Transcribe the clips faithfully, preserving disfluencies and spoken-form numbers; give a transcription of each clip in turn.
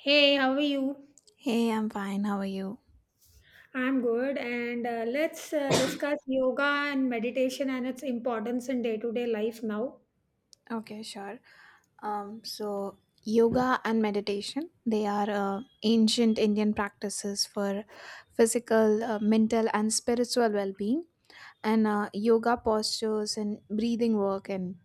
Hey, how are you? Hey, I'm fine. How are you? I'm good, and uh, let's uh, discuss yoga and meditation and its importance in day-to-day life now. Okay, sure. Um, so yoga and meditation, they are uh, ancient Indian practices for physical, uh, mental, and spiritual well-being. And uh, Yoga postures and breathing work and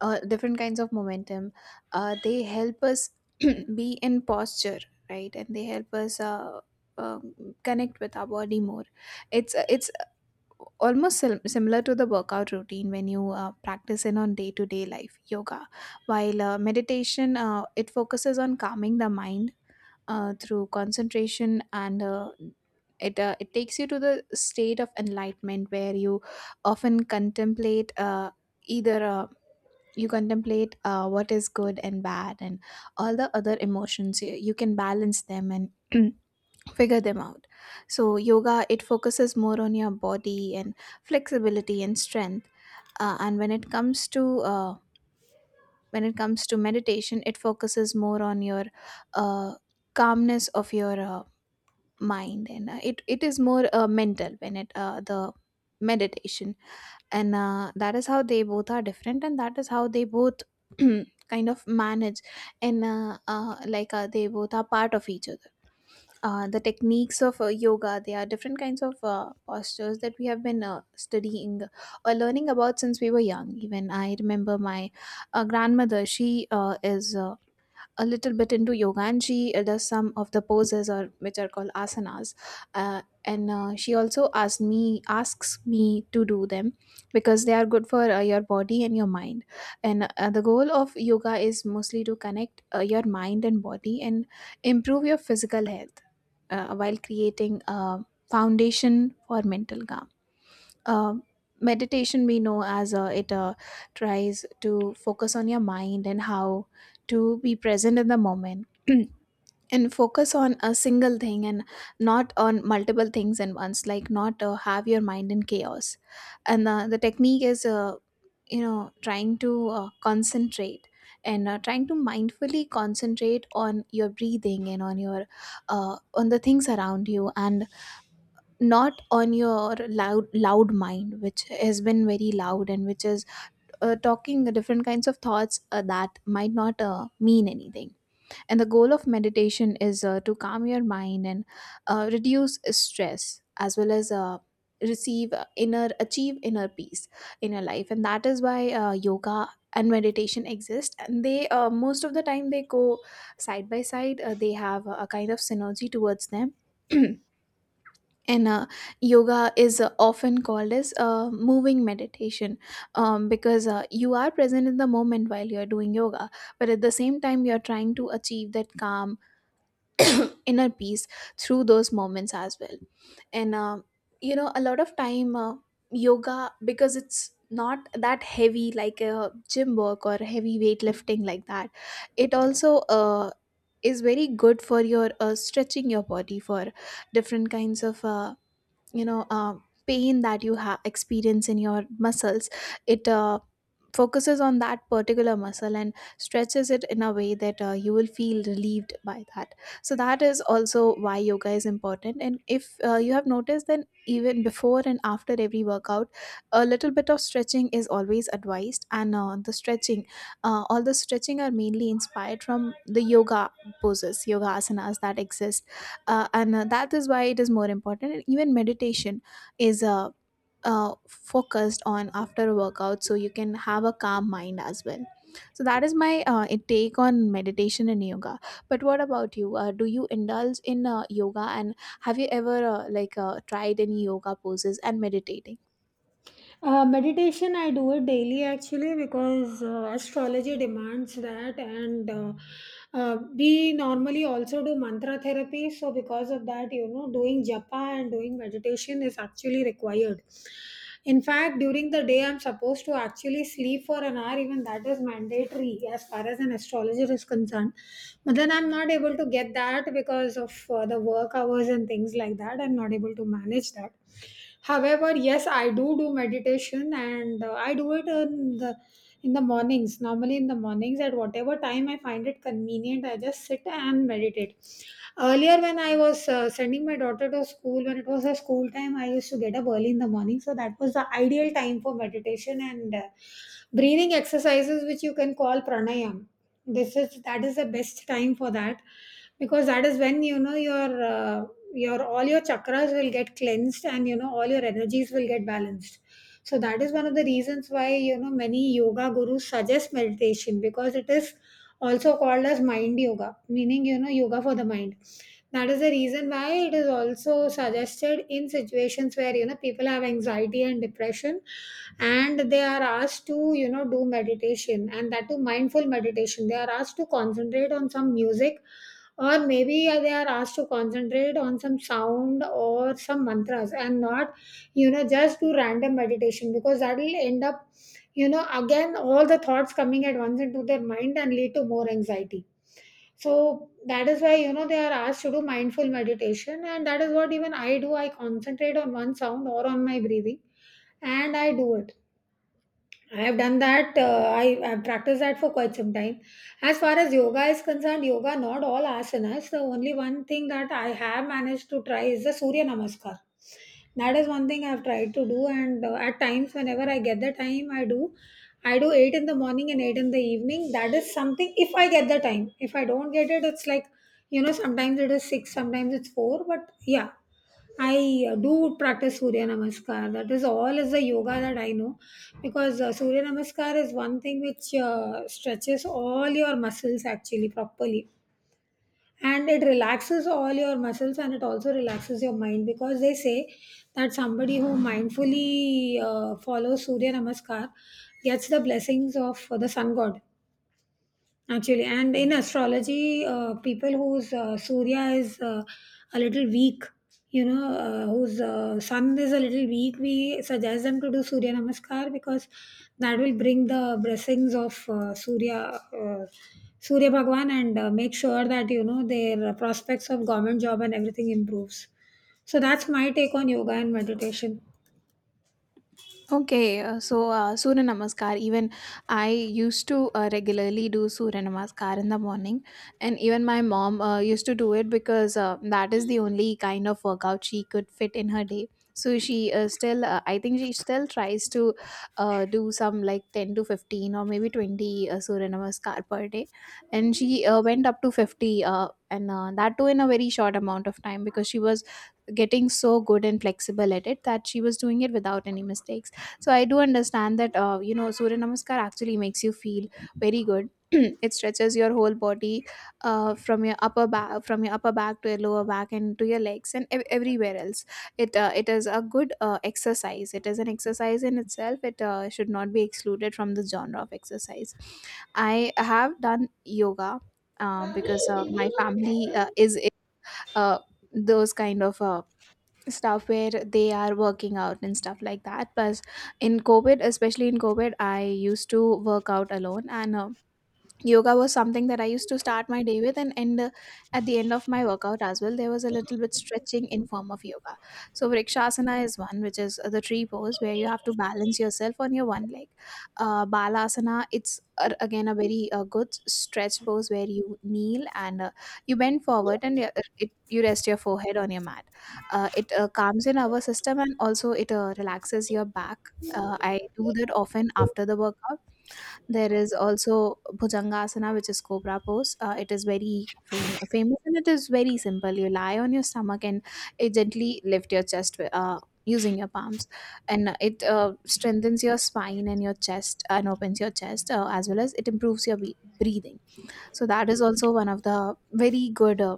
uh, different kinds of momentum, uh, they help us be in posture, right? And they help us uh, um connect with our body more. It's it's almost sim- similar to the workout routine when you uh, practice in on day-to-day life yoga while uh, meditation uh, it focuses on calming the mind uh, through concentration and uh, it, uh, it takes you to the state of enlightenment where you often contemplate uh, either uh, you contemplate uh, what is good and bad, and all the other emotions you, you can balance them and figure them out. So yoga, it focuses more on your body and flexibility and strength, uh, and when it comes to uh, when it comes to meditation, it focuses more on your uh, calmness of your uh, mind, and uh, it it is more uh, mental, when it uh, the meditation. And uh, that is how they both are different, and that is how they both kind of manage. And uh, uh, like uh, They both are part of each other. Uh, the techniques of uh, yoga, there are different kinds of uh, postures that we have been uh, studying or learning about since we were young. Even I remember my uh, grandmother, she uh, is uh, a little bit into yoga, and she uh, does some of the poses, or which are called asanas. Uh, and uh, She also asked me asks me to do them because they are good for uh, your body and your mind. And uh, The goal of yoga is mostly to connect uh, your mind and body and improve your physical health, uh, while creating a foundation for mental calm. Um Meditation, we know as uh, it uh, tries to focus on your mind and how to be present in the moment and focus on a single thing and not on multiple things at once, like not uh, have your mind in chaos. And uh, The technique is uh, you know trying to uh, concentrate, and uh, trying to mindfully concentrate on your breathing and on your uh, on the things around you, and not on your loud loud mind, which has been very loud, and which is uh, talking different kinds of thoughts uh, that might not uh, mean anything. And the goal of meditation is uh, to calm your mind and uh, reduce stress, as well as uh, receive uh, inner, achieve inner peace in your life. And that is why uh, yoga and meditation exist. And they, uh, most of the time, they go side by side. Uh, they have a kind of synergy towards them. and uh, Yoga is uh, often called as uh, moving meditation, um, because uh, you are present in the moment while you are doing yoga, but at the same time you are trying to achieve that calm inner peace through those moments as well. And um, you know A lot of time, uh, yoga, because it's not that heavy like a gym work or heavy weightlifting like that, it also uh, is very good for your uh, stretching your body for different kinds of uh, you know uh, pain that you have experience in your muscles. It uh, focuses on that particular muscle and stretches it in a way that uh, you will feel relieved by that. So that is also why yoga is important. And if uh, you have noticed, then even before and after every workout, a little bit of stretching is always advised. And uh, the stretching uh, All the stretching are mainly inspired from the yoga poses, yoga asanas, that exist. Uh, and uh, That is why it is more important. And even meditation is uh, uh, focused on after a workout, so you can have a calm mind as well. So that is my uh, take on meditation and yoga. But what about you? Uh, do you indulge in uh, yoga, and have you ever uh, like uh, tried any yoga poses and meditating? Uh, meditation, I do it daily actually because uh, astrology demands that, and uh, uh, we normally also do mantra therapy. So, because of that, you know, doing japa and doing meditation is actually required. In fact, during the day, I'm supposed to actually sleep for an hour, even that is mandatory as far as an astrologer is concerned. But then I'm not able to get that because of uh, the work hours and things like that. I'm not able to manage that. However, yes, I do do meditation, and uh, I do it in the in the mornings, normally in the mornings, at whatever time I find it convenient. I just sit and meditate. Earlier, when I was uh, sending my daughter to school, when it was her school time, I used to get up early in the morning, so that was the ideal time for meditation and uh, breathing exercises, which you can call pranayam. This is that is the best time for that, because that is when, you know, your uh, your, all your chakras will get cleansed and, you know, all your energies will get balanced. So that is one of the reasons why, you know, many yoga gurus suggest meditation, because it is also called as mind yoga, meaning, you know, yoga for the mind. That is the reason why it is also suggested in situations where, you know, people have anxiety and depression, and they are asked to, you know, do meditation, and that too mindful meditation. They are asked to concentrate on some music, or maybe uh, they are asked to concentrate on some sound or some mantras, and not, you know, just do random meditation, because that will end up, you know, again all the thoughts coming at once into their mind and lead to more anxiety. So that is why, you know, they are asked to do mindful meditation. And that is what even I do. I concentrate on one sound or on my breathing, and I do it. I have done that. Uh, I have practiced that for quite some time. As far as yoga is concerned, yoga, not all asanas. The only one thing that I have managed to try is the Surya Namaskar. That is one thing I have tried to do, and uh, at times, whenever I get the time, I do. I do eight in the morning and eight in the evening. That is something if I get the time. If I don't get it, it's like, you know, sometimes it is six, sometimes it's four. But yeah, I uh, do practice Surya Namaskar. That is all is the yoga that I know, because uh, Surya Namaskar is one thing which uh, stretches all your muscles actually properly, and it relaxes all your muscles, and it also relaxes your mind, because they say that somebody who mindfully uh, follows Surya Namaskar gets the blessings of the sun god, actually. And in astrology, uh, people whose uh, surya is uh, a little weak, you know, uh, whose uh, sun is a little weak, we suggest them to do surya namaskar, because that will bring the blessings of uh, surya, uh, surya bhagwan, and uh, make sure that, you know, their prospects of government job and everything improves. So that's my take on yoga and meditation. Okay, uh, so uh, Surya Namaskar, even I used to uh, regularly do Surya Namaskar in the morning, and even my mom uh, used to do it because uh, that is the only kind of workout she could fit in her day. So she uh, still, uh, I think she still tries to uh, do some like ten to fifteen or maybe twenty uh, Surya Namaskar per day, and she uh, went up to fifty, uh, and uh, that too in a very short amount of time, because she was getting so good and flexible at it that she was doing it without any mistakes. So I do understand that uh, you know Surya Namaskar actually makes you feel very good. It stretches your whole body uh, from your upper back from your upper back to your lower back and to your legs and ev- everywhere else. It uh, it is a good uh, exercise. It is an exercise in itself. It uh, should not be excluded from the genre of exercise. I have done yoga uh, because uh, my family uh, is uh, those kind of uh, stuff where they are working out and stuff like that. But in COVID, especially in COVID, I used to work out alone, and uh, yoga was something that I used to start my day with, and end uh, at the end of my workout as well, there was a little bit stretching in form of yoga. So vrikshasana is one, which is uh, the tree pose where you have to balance yourself on your one leg. uh, Balasana, it's uh, again a very uh, good stretch pose where you kneel and uh, you bend forward and you- it, you rest your forehead on your mat. Uh, it uh, calms in our system, and also it uh, relaxes your back. uh, I do that often after the workout. There is also Bhujangasana, which is cobra pose. Uh, it is very fam- famous and it is very simple. You lie on your stomach and uh, gently lift your chest uh, using your palms, and it uh, strengthens your spine and your chest, uh, and opens your chest, uh, as well as it improves your be- breathing. So that is also one of the very good uh,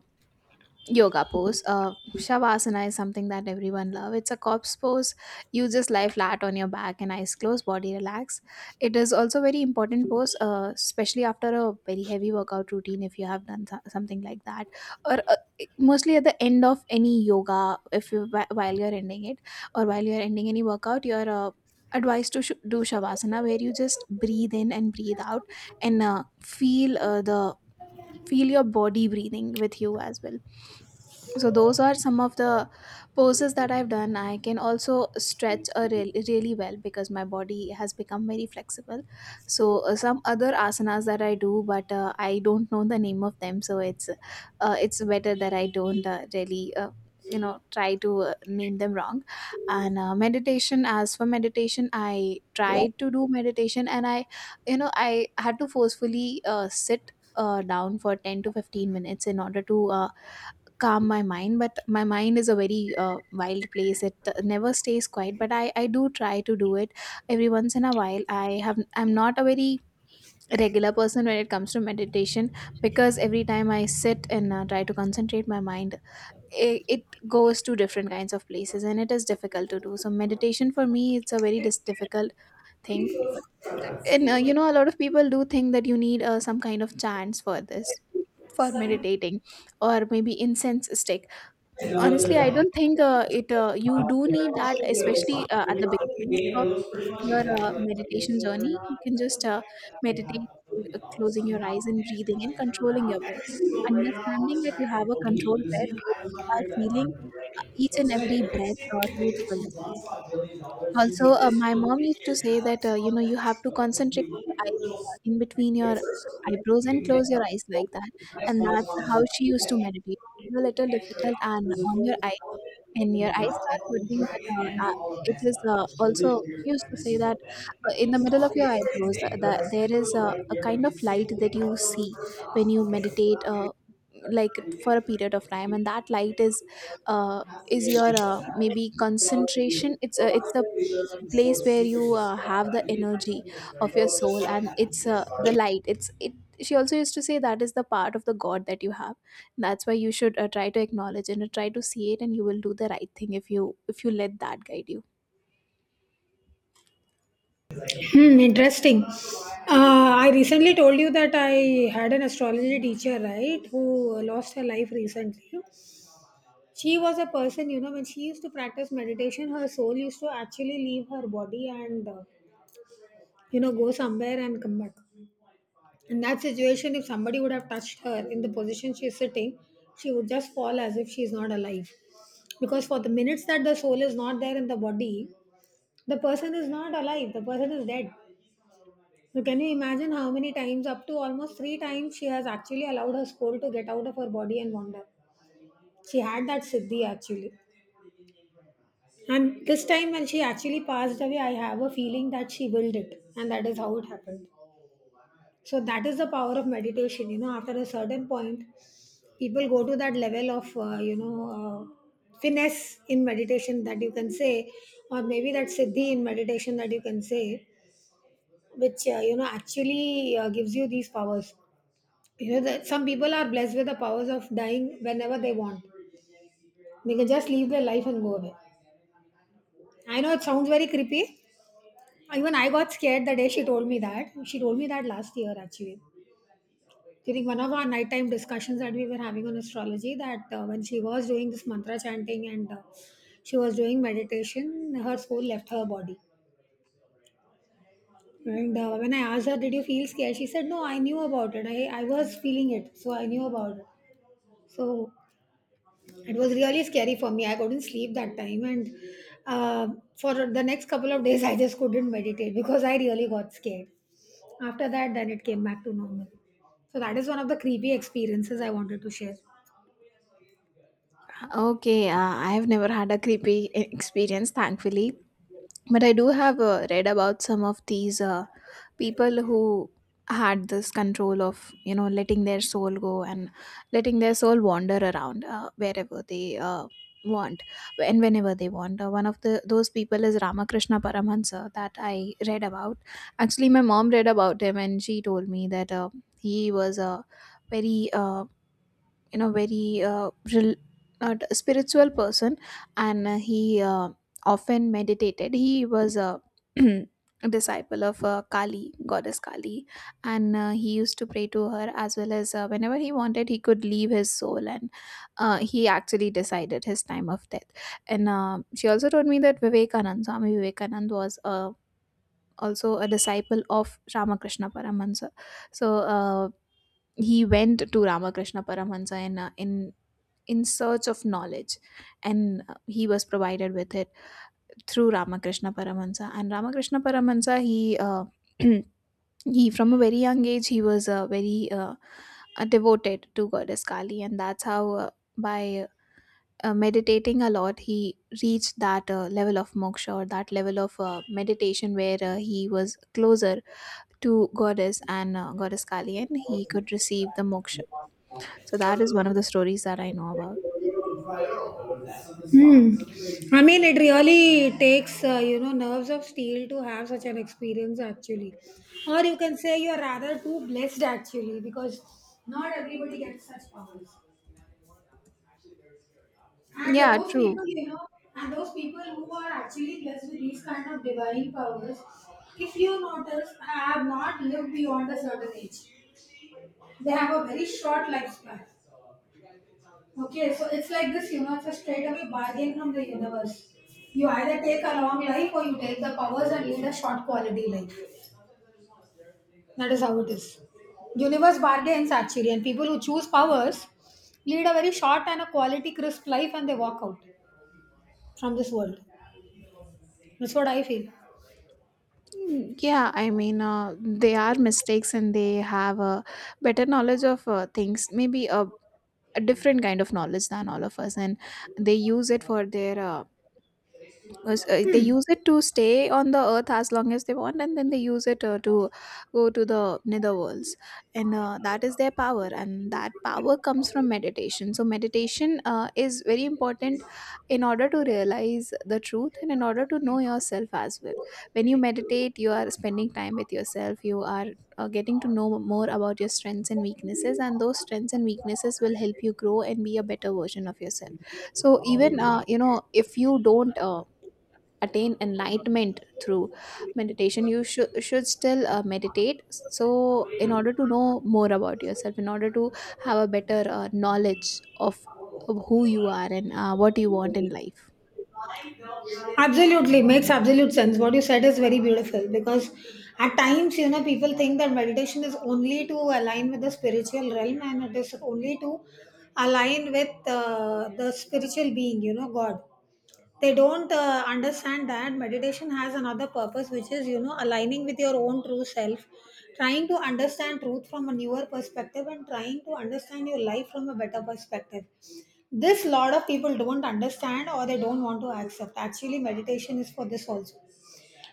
yoga pose. uh Shavasana is something that everyone love. It's a corpse pose. You just lie flat on your back, and eyes closed, body relax. It is also very important pose, uh, especially after a very heavy workout routine, if you have done so- something like that, or uh, mostly at the end of any yoga, if you whi- while you're ending it, or while you're ending any workout, you're uh, advised to sh- do shavasana, where you just breathe in and breathe out, and uh, feel uh, the feel your body breathing with you as well. So those are some of the poses that I've done. I can also stretch a real, really well because my body has become very flexible. So uh, some other asanas that I do, but uh, I don't know the name of them, so it's uh, it's better that I don't uh, really uh, you know try to uh, name them wrong. And uh, meditation as for meditation I tried to do meditation and I you know I had to forcefully uh, sit uh, down for ten to fifteen minutes in order to uh, calm my mind but my mind is a very uh, wild place it uh, never stays quiet but I I do try to do it every once in a while I have I'm not a very regular person when it comes to meditation because every time I sit and uh, try to concentrate my mind it, it goes to different kinds of places and it is difficult to do so meditation for me it's a very dis- difficult thing and uh, you know, a lot of people do think that you need uh, some kind of chants for this, for meditating, or maybe incense stick. Honestly, I don't think uh, it. Uh, you do need that, especially uh, at the beginning of uh, your uh, meditation journey. You can just uh, meditate, uh, closing your eyes and breathing and controlling your breath. Understanding that you have a controlled breath where you are feeling uh, each and every breath uh, to its fullest. Also, uh, my mom used to say that uh, you know you have to concentrate your eyes uh, in between your eyebrows and close your eyes like that, and that's how she used to meditate. A little difficult and on your eyes and your eyes start hurting but uh, that, it is uh, also he used to say that uh, in the middle of your eyebrows that, that there is a, a kind of light that you see when you meditate uh, like for a period of time, and that light is uh, is your uh, maybe concentration. It's uh, it's the place where you uh, have the energy of your soul, and it's uh, the light it's it she also used to say that is the part of the god that you have. That's why you should uh, try to acknowledge and uh, try to see it, and you will do the right thing if you if you let that guide you. Hmm, interesting. Uh, I recently told you that I had an astrology teacher, right, who lost her life recently. She was a person, you know, when she used to practice meditation, her soul used to actually leave her body and, uh, you know, go somewhere and come back. In that situation, if somebody would have touched her in the position she's sitting, she would just fall as if she's not alive. Because for the minutes that the soul is not there in the body, the person is not alive, the person is dead. So can you imagine how many times, up to almost three times, she has actually allowed her soul to get out of her body and wander. She had that siddhi actually. And this time when she actually passed away, I have a feeling that she willed it. And that is how it happened. So that is the power of meditation. You know, after a certain point, people go to that level of, uh, you know, uh, finesse in meditation that you can say, or maybe that siddhi in meditation that you can say, which, uh, you know, actually uh, gives you these powers. You know that some people are blessed with the powers of dying whenever they want. They can just leave their life and go away. I know it sounds very creepy. Even I got scared the day she told me that. She told me that last year actually. During one of our nighttime discussions that we were having on astrology, that uh, when she was doing this mantra chanting and uh, she was doing meditation, her soul left her body. And uh, when I asked her, did you feel scared? She said, no, I knew about it. I, I was feeling it. So I knew about it. So it was really scary for me. I couldn't sleep that time, and uh, for the next couple of days, I just couldn't meditate because I really got scared. After that, then it came back to normal. So that is one of the creepy experiences I wanted to share. Okay, uh, I have never had a creepy experience, thankfully, but I do have uh, read about some of these uh, people who had this control of, you know, letting their soul go and letting their soul wander around uh, wherever they uh, want and whenever they want. Uh, one of the those people is Ramakrishna Paramahansa that I read about. Actually, my mom read about him and she told me that uh, he was a very uh, you know, very uh, rel- not spiritual person, and uh, he uh, often meditated. He was a disciple of uh, kali goddess Kali, and uh, he used to pray to her as well as uh, whenever he wanted, he could leave his soul, and uh, he actually decided his time of death. And uh, she also told me that vivekanand Swami Vivekanand was uh, also a disciple of Ramakrishna Paramahansa. So uh, he went to Ramakrishna Paramahansa in uh, in in search of knowledge, and uh, he was provided with it through Ramakrishna Paramahansa. And ramakrishna paramahansa he uh, he from a very young age, he was uh, very uh, uh, devoted to goddess Kali, and that's how uh, by uh, meditating a lot, he reached that uh, level of moksha, or that level of uh, meditation where uh, he was closer to goddess, and uh, goddess Kali, and he could receive the moksha. So that is one of the stories that I know about. Hmm. I mean, it really takes, uh, you know, nerves of steel to have such an experience, actually. Or you can say you're rather too blessed, actually, because not everybody gets such powers. And Yeah, those people, true. you know, and those people who are actually blessed with these kind of divine powers, if you notice, have not lived beyond a certain age. They have a very short lifespan. Okay, so it's like this, you know, it's a straightaway bargain from the universe. You either take a long life or you take the powers and lead a short quality life. That is how it is. Universe bargains actually, and people who choose powers lead a very short and a quality crisp life, and they walk out from this world. That's what I feel. Hmm. Yeah, I mean, uh, they are mistakes and they have a better knowledge of uh, things, maybe a, a different kind of knowledge than all of us, and they use it for their uh, was, uh, they use it to stay on the earth as long as they want, and then they use it uh, to go to the nether worlds. And uh, that is their power, and that power comes from meditation. So meditation uh, is very important in order to realize the truth and in order to know yourself as well. When you meditate, you are spending time with yourself. You are uh, getting to know more about your strengths and weaknesses, and those strengths and weaknesses will help you grow and be a better version of yourself. So even uh, you know, if you don't uh, attain enlightenment through meditation, you should should still uh, meditate, so in order to know more about yourself, in order to have a better uh, knowledge of, of who you are and uh, what you want in life. Absolutely, makes absolute sense. What you said is very beautiful, because at times, you know, people think that meditation is only to align with the spiritual realm, and it is only to align with uh, the spiritual being, you know, God. They don't uh, understand that meditation has another purpose, which is, you know, aligning with your own true self, trying to understand truth from a newer perspective, and trying to understand your life from a better perspective. This, lot of people don't understand, or they don't want to accept, actually meditation is for this also.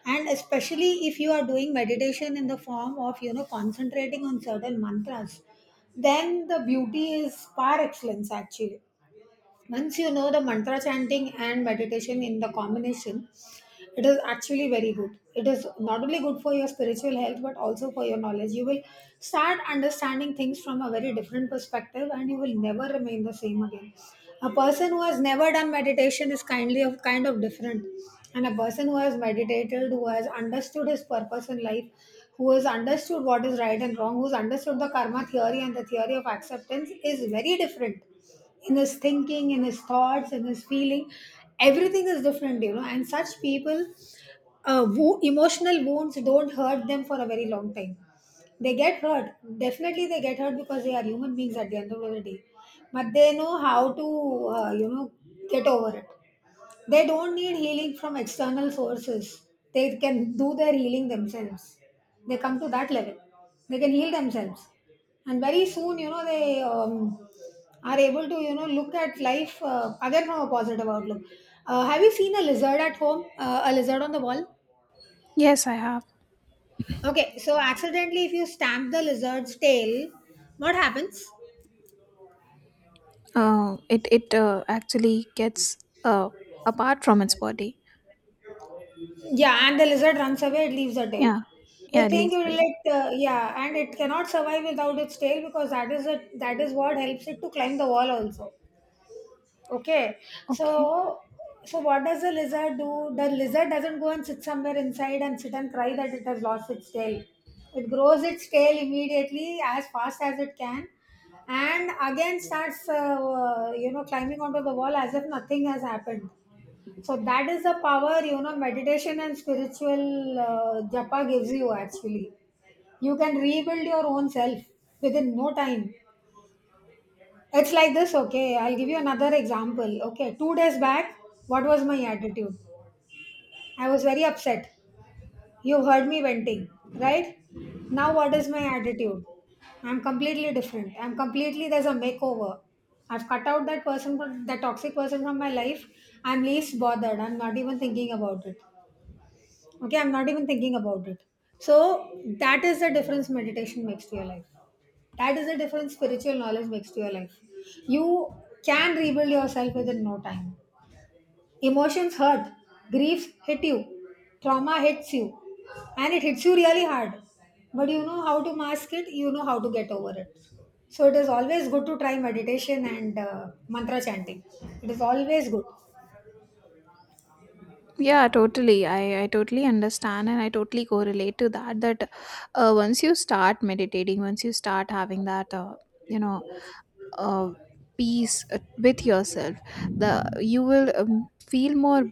And especially if you are doing meditation in the form of, you know, concentrating on certain mantras, then the beauty is par excellence, actually. Once you know the mantra chanting and meditation in the combination, it is actually very good. It is not only good for your spiritual health, but also for your knowledge. You will start understanding things from a very different perspective, and you will never remain the same again. A person who has never done meditation is kindly of kind of different, and a person who has meditated, who has understood his purpose in life, who has understood what is right and wrong, who's understood the karma theory and the theory of acceptance, is very different in his thinking, in his thoughts, in his feeling. Everything is different, you know, and such people, uh, wo- emotional wounds don't hurt them for a very long time. They get hurt, definitely they get hurt, because they are human beings at the end of the day. But they know how to, uh, you know, get over it. They don't need healing from external sources. They can do their healing themselves. They come to that level. They can heal themselves. And very soon, you know, they um, are able to, you know, look at life uh, again from a positive outlook. Uh, have you seen a lizard at home? Uh, a lizard on the wall? Yes, I have. Okay, so accidentally, if you stamp the lizard's tail, what happens? Uh, it it uh, actually gets uh, apart from its body. Yeah, and the lizard runs away, it leaves a tail. Yeah, yeah, They at think it least for will it. let, uh, yeah, and it cannot survive without its tail, because that is it. That is what helps it to climb the wall also. Okay, Okay. so so what does the lizard do? The lizard doesn't go and sit somewhere inside and sit and cry that it has lost its tail. It grows its tail immediately as fast as it can, and again starts uh, uh, you know, climbing onto the wall as if nothing has happened. So that is the power, you know, meditation and spiritual uh, japa gives you actually. You can rebuild your own self within no time. It's like this, okay? I'll give you another example. Okay, two days back, what was my attitude? I was very upset. You heard me venting, right? Now, what is my attitude? I'm completely different. I'm completely, there's a makeover. I've cut out that person, from- that toxic person from my life. I'm least bothered. I'm not even thinking about it. Okay, I'm not even thinking about it. So that is the difference meditation makes to your life. That is the difference spiritual knowledge makes to your life. You can rebuild yourself within no time. Emotions hurt, griefs hit you, trauma hits you, and it hits you really hard. But you know how to mask it, you know how to get over it. So it is always good to try meditation and uh, mantra chanting. It is always good. Yeah, totally. I, I totally understand, and I totally correlate to that. That uh, once you start meditating, once you start having that, uh, you know, uh, peace uh, with yourself, the you will um, feel more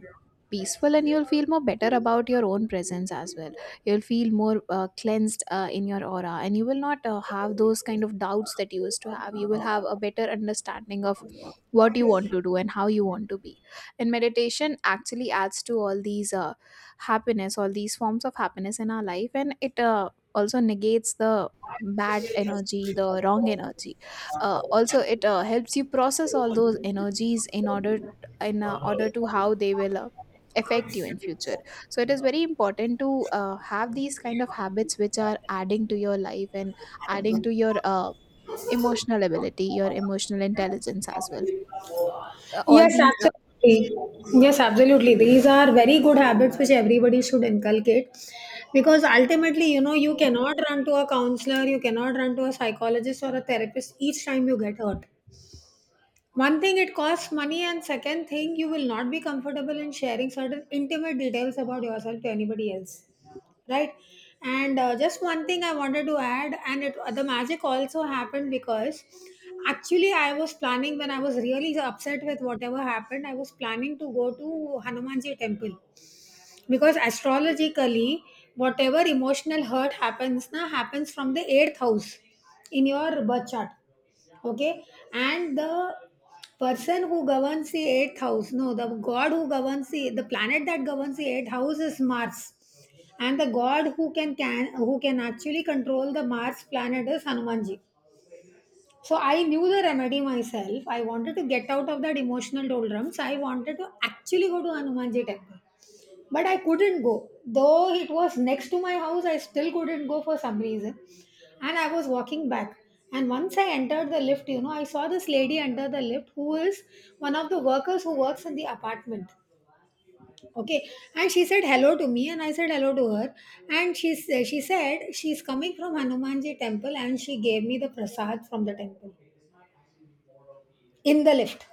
peaceful, and you'll feel more better about your own presence as well. You'll feel more uh, cleansed uh, in your aura, and you will not uh, have those kind of doubts that you used to have. You will have a better understanding of what you want to do and how you want to be. And meditation actually adds to all these uh, happiness, all these forms of happiness in our life, and it uh, also negates the bad energy, the wrong energy. Uh, also, it uh, helps you process all those energies in order in uh, order to how they will uh, affect you in future. So it is very important to uh, have these kind of habits which are adding to your life and adding to your uh, emotional ability, your emotional intelligence as well. Uh, all Yes, these uh, absolutely. Yes, absolutely. These are very good habits which everybody should inculcate, because ultimately, you know, you cannot run to a counselor, you cannot run to a psychologist or a therapist each time you get hurt. One thing, it costs money, and second thing, you will not be comfortable in sharing certain intimate details about yourself to anybody else, right? And uh, just one thing I wanted to add, and it, the magic also happened because actually I was planning, when I was really upset with whatever happened, I was planning to go to Hanumanji temple, because astrologically, whatever emotional hurt happens na happens from the eighth house in your birth chart, okay? And the person who governs the eighth house, no, the god who governs, the the planet that governs the eighth house is Mars. And the god who can can who can actually control the Mars planet is Hanumanji. So I knew the remedy myself. I wanted to get out of that emotional doldrums. I wanted to actually go to Hanumanji temple, but I couldn't go. Though it was next to my house, I still couldn't go for some reason. And I was walking back. And once I entered the lift, you know, I saw this lady under the lift, who is one of the workers who works in the apartment. Okay. And she said hello to me, and I said hello to her. And she, sa- she said she's coming from Hanumanji temple, and she gave me the prasad from the temple in the lift.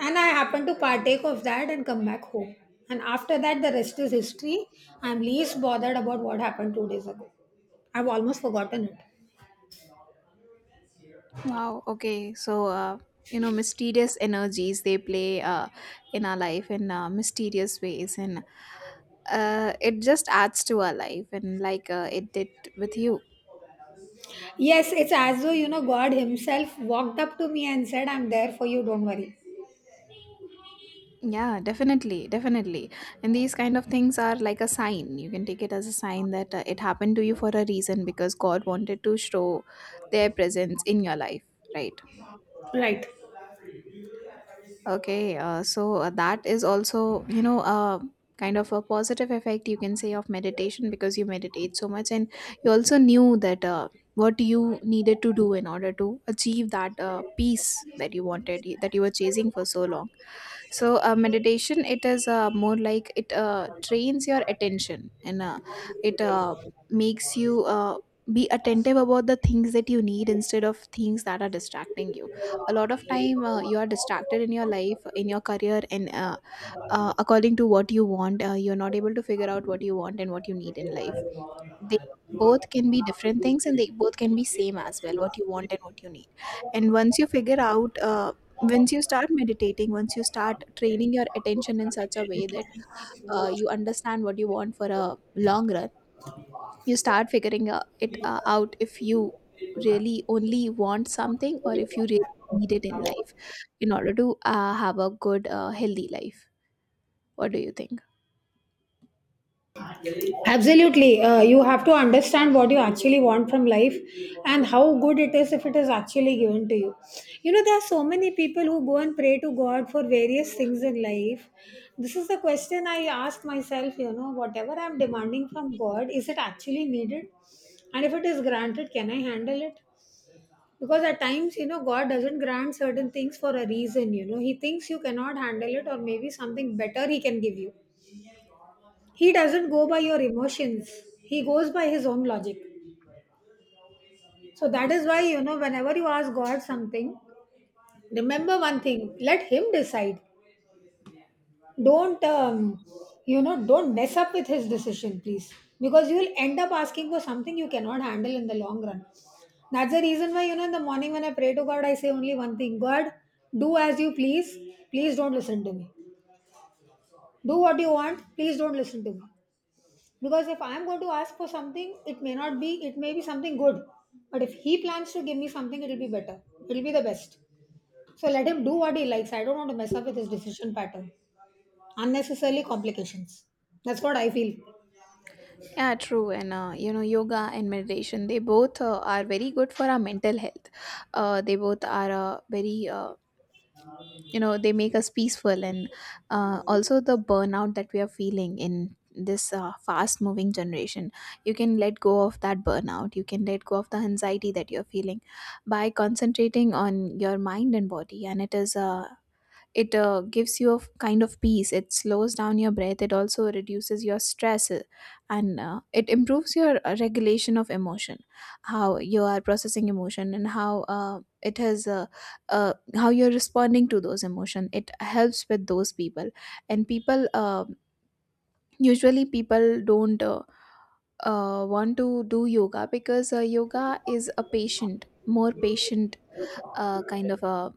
And I happened to partake of that and come back home. And after that, the rest is history. I'm least bothered about what happened two days ago. I've almost forgotten it. Wow. Okay, so uh, you know, mysterious energies, they play uh, in our life in uh, mysterious ways, and uh, it just adds to our life, and like uh, it did with you. Yes, it's as though, you know, God Himself walked up to me and said, I'm there for you, don't worry. Yeah, definitely, definitely. And these kind of things are like a sign. You can take it as a sign that uh, it happened to you for a reason, because God wanted to show their presence in your life, right? Right. Okay, uh, so uh, that is also, you know, uh, kind of a positive effect, you can say, of meditation, because you meditate so much and you also knew that uh, what you needed to do in order to achieve that uh, peace that you wanted, that you were chasing for so long. So uh, meditation, it is uh, more like it uh, trains your attention, and uh, it uh, makes you uh, be attentive about the things that you need instead of things that are distracting you. A lot of time uh, you are distracted in your life, in your career, and uh, uh, according to what you want, uh, you're not able to figure out what you want and what you need in life. They both can be different things and they both can be same as well, what you want and what you need. And once you figure out uh, once you start meditating, once you start training your attention in such a way that uh, you understand what you want for a long run, you start figuring uh, it uh, out, if you really only want something or if you really need it in life in order to uh, have a good uh, healthy life. What do you think? Absolutely. Uh, you have to understand what you actually want from life, and how good it is if it is actually given to you. You know, there are so many people who go and pray to God for various things in life. This is the question I ask myself, you know, whatever I'm demanding from God, is it actually needed? And if it is granted, can I handle it? Because at times, you know, God doesn't grant certain things for a reason. You know, He thinks you cannot handle it, or maybe something better He can give you. He doesn't go by your emotions, he goes by his own logic. So that is why, you know, whenever you ask God something, remember one thing, let Him decide. Don't um, you know, don't mess up with His decision, please, because you will end up asking for something you cannot handle in the long run. That's the reason why, you know, in the morning when I pray to God, I say only one thing: God, do as you please. Please don't listen to me. Do what you want, please don't listen to me. Because if I'm going to ask for something, it may not be, it may be something good, but if He plans to give me something, it'll be better, it'll be the best. So let Him do what He likes. I don't want to mess up with His decision pattern, unnecessarily complications. That's what I feel. Yeah, true. And uh, you know, yoga and meditation, they both uh, are very good for our mental health. Uh, they both are uh, very uh, you know, they make us peaceful. And uh, also, the burnout that we are feeling in this uh, fast moving generation, you can let go of that burnout, you can let go of the anxiety that you're feeling by concentrating on your mind and body. And it is a it uh, gives you a f- kind of peace. It slows down your breath, it also reduces your stress, uh, and uh, it improves your uh, regulation of emotion, how you are processing emotion, and how uh, it has uh, uh, how you're responding to those emotion. It helps with those people. And people uh, usually people don't uh, uh, want to do yoga, because uh, yoga is a patient, more patient uh, kind of a,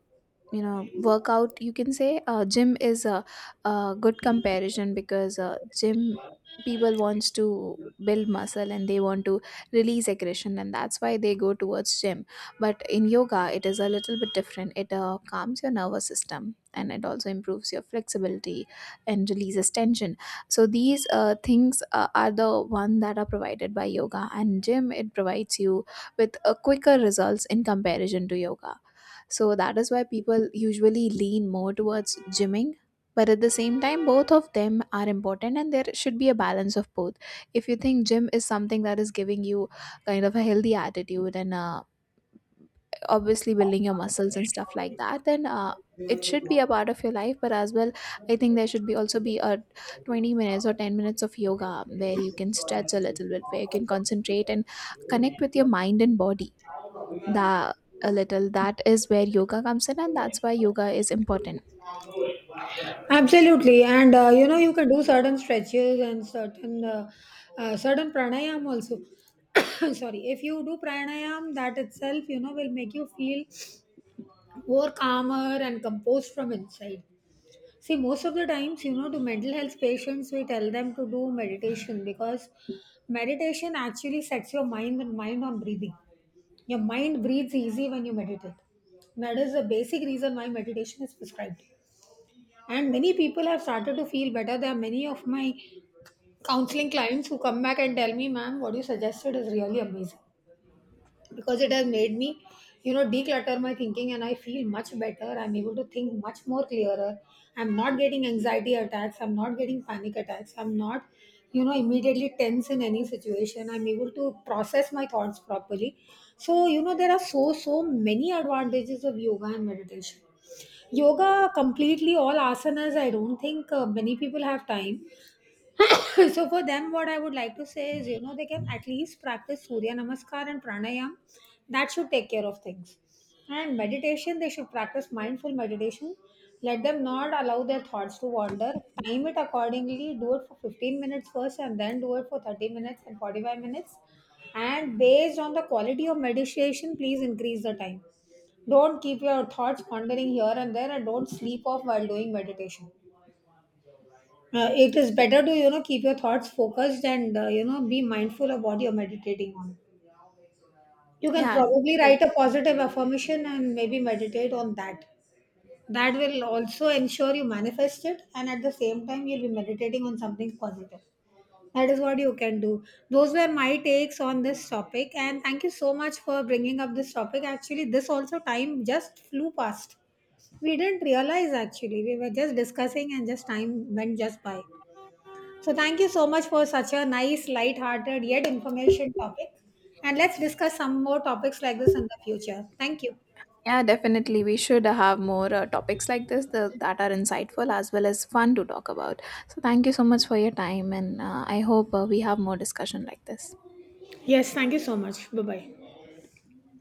you know, workout. You can say uh, gym is a, a good comparison, because uh, gym, people wants to build muscle and they want to release aggression, and that's why they go towards gym. But in yoga, it is a little bit different. It uh, calms your nervous system, and it also improves your flexibility and releases tension. So these uh, things uh, are the one that are provided by yoga, and gym, it provides you with a quicker results in comparison to yoga. So that is why people usually lean more towards gymming. But at the same time, both of them are important, and there should be a balance of both. If you think gym is something that is giving you kind of a healthy attitude and a obviously building your muscles and stuff like that, then uh, it should be a part of your life. But as well, I think there should be also be a twenty minutes or ten minutes of yoga where you can stretch a little bit, where you can concentrate and connect with your mind and body. The a little That is where yoga comes in, and that's why yoga is important. Absolutely. And uh, you know, you can do certain stretches and certain uh, uh, certain pranayam also. Sorry, if you do pranayam, that itself, you know, will make you feel more calmer and composed from inside. See, most of the times, you know, to mental health patients, we tell them to do meditation, because meditation actually sets your mind mind on breathing. Your mind breathes easy when you meditate. That is the basic reason why meditation is prescribed. And many people have started to feel better. There are many of my counseling clients who come back and tell me, ma'am, what you suggested is really amazing, because it has made me, you know, declutter my thinking, and I feel much better. I'm able to think much more clearer. I'm not getting anxiety attacks, I'm not getting panic attacks, I'm not, you know, immediately tense in any situation. I'm able to process my thoughts properly. So, you know, there are so so many advantages of yoga and meditation. Yoga completely, all asanas, I don't think uh, many people have time. So for them, what I would like to say is, you know, they can at least practice surya namaskar and pranayam. That should take care of things. And meditation, they should practice mindful meditation. Let them not allow their thoughts to wander. Time it accordingly, do it for fifteen minutes first, and then do it for thirty minutes and forty-five minutes. And based on the quality of meditation, please increase the time. Don't keep your thoughts wandering here and there, and don't sleep off while doing meditation. Uh, it is better to, you know, keep your thoughts focused, and uh, you know, be mindful of what you're meditating on. You can Yeah, probably write a positive affirmation and maybe meditate on that. That will also ensure you manifest it, and at the same time you'll be meditating on something positive. That is what you can do. Those were my takes on this topic, and thank you so much for bringing up this topic. Actually, this also, time just flew past, we didn't realize. Actually, we were just discussing and just time went just by. So thank you so much for such a nice, light-hearted yet information topic. And let's discuss some more topics like this in the future. Thank you. yeah, definitely, we should have more uh, topics like this tha- that are insightful as well as fun to talk about. So thank you so much for your time, and uh, I hope uh, we have more discussion like this. Yes, thank you so much. Bye bye.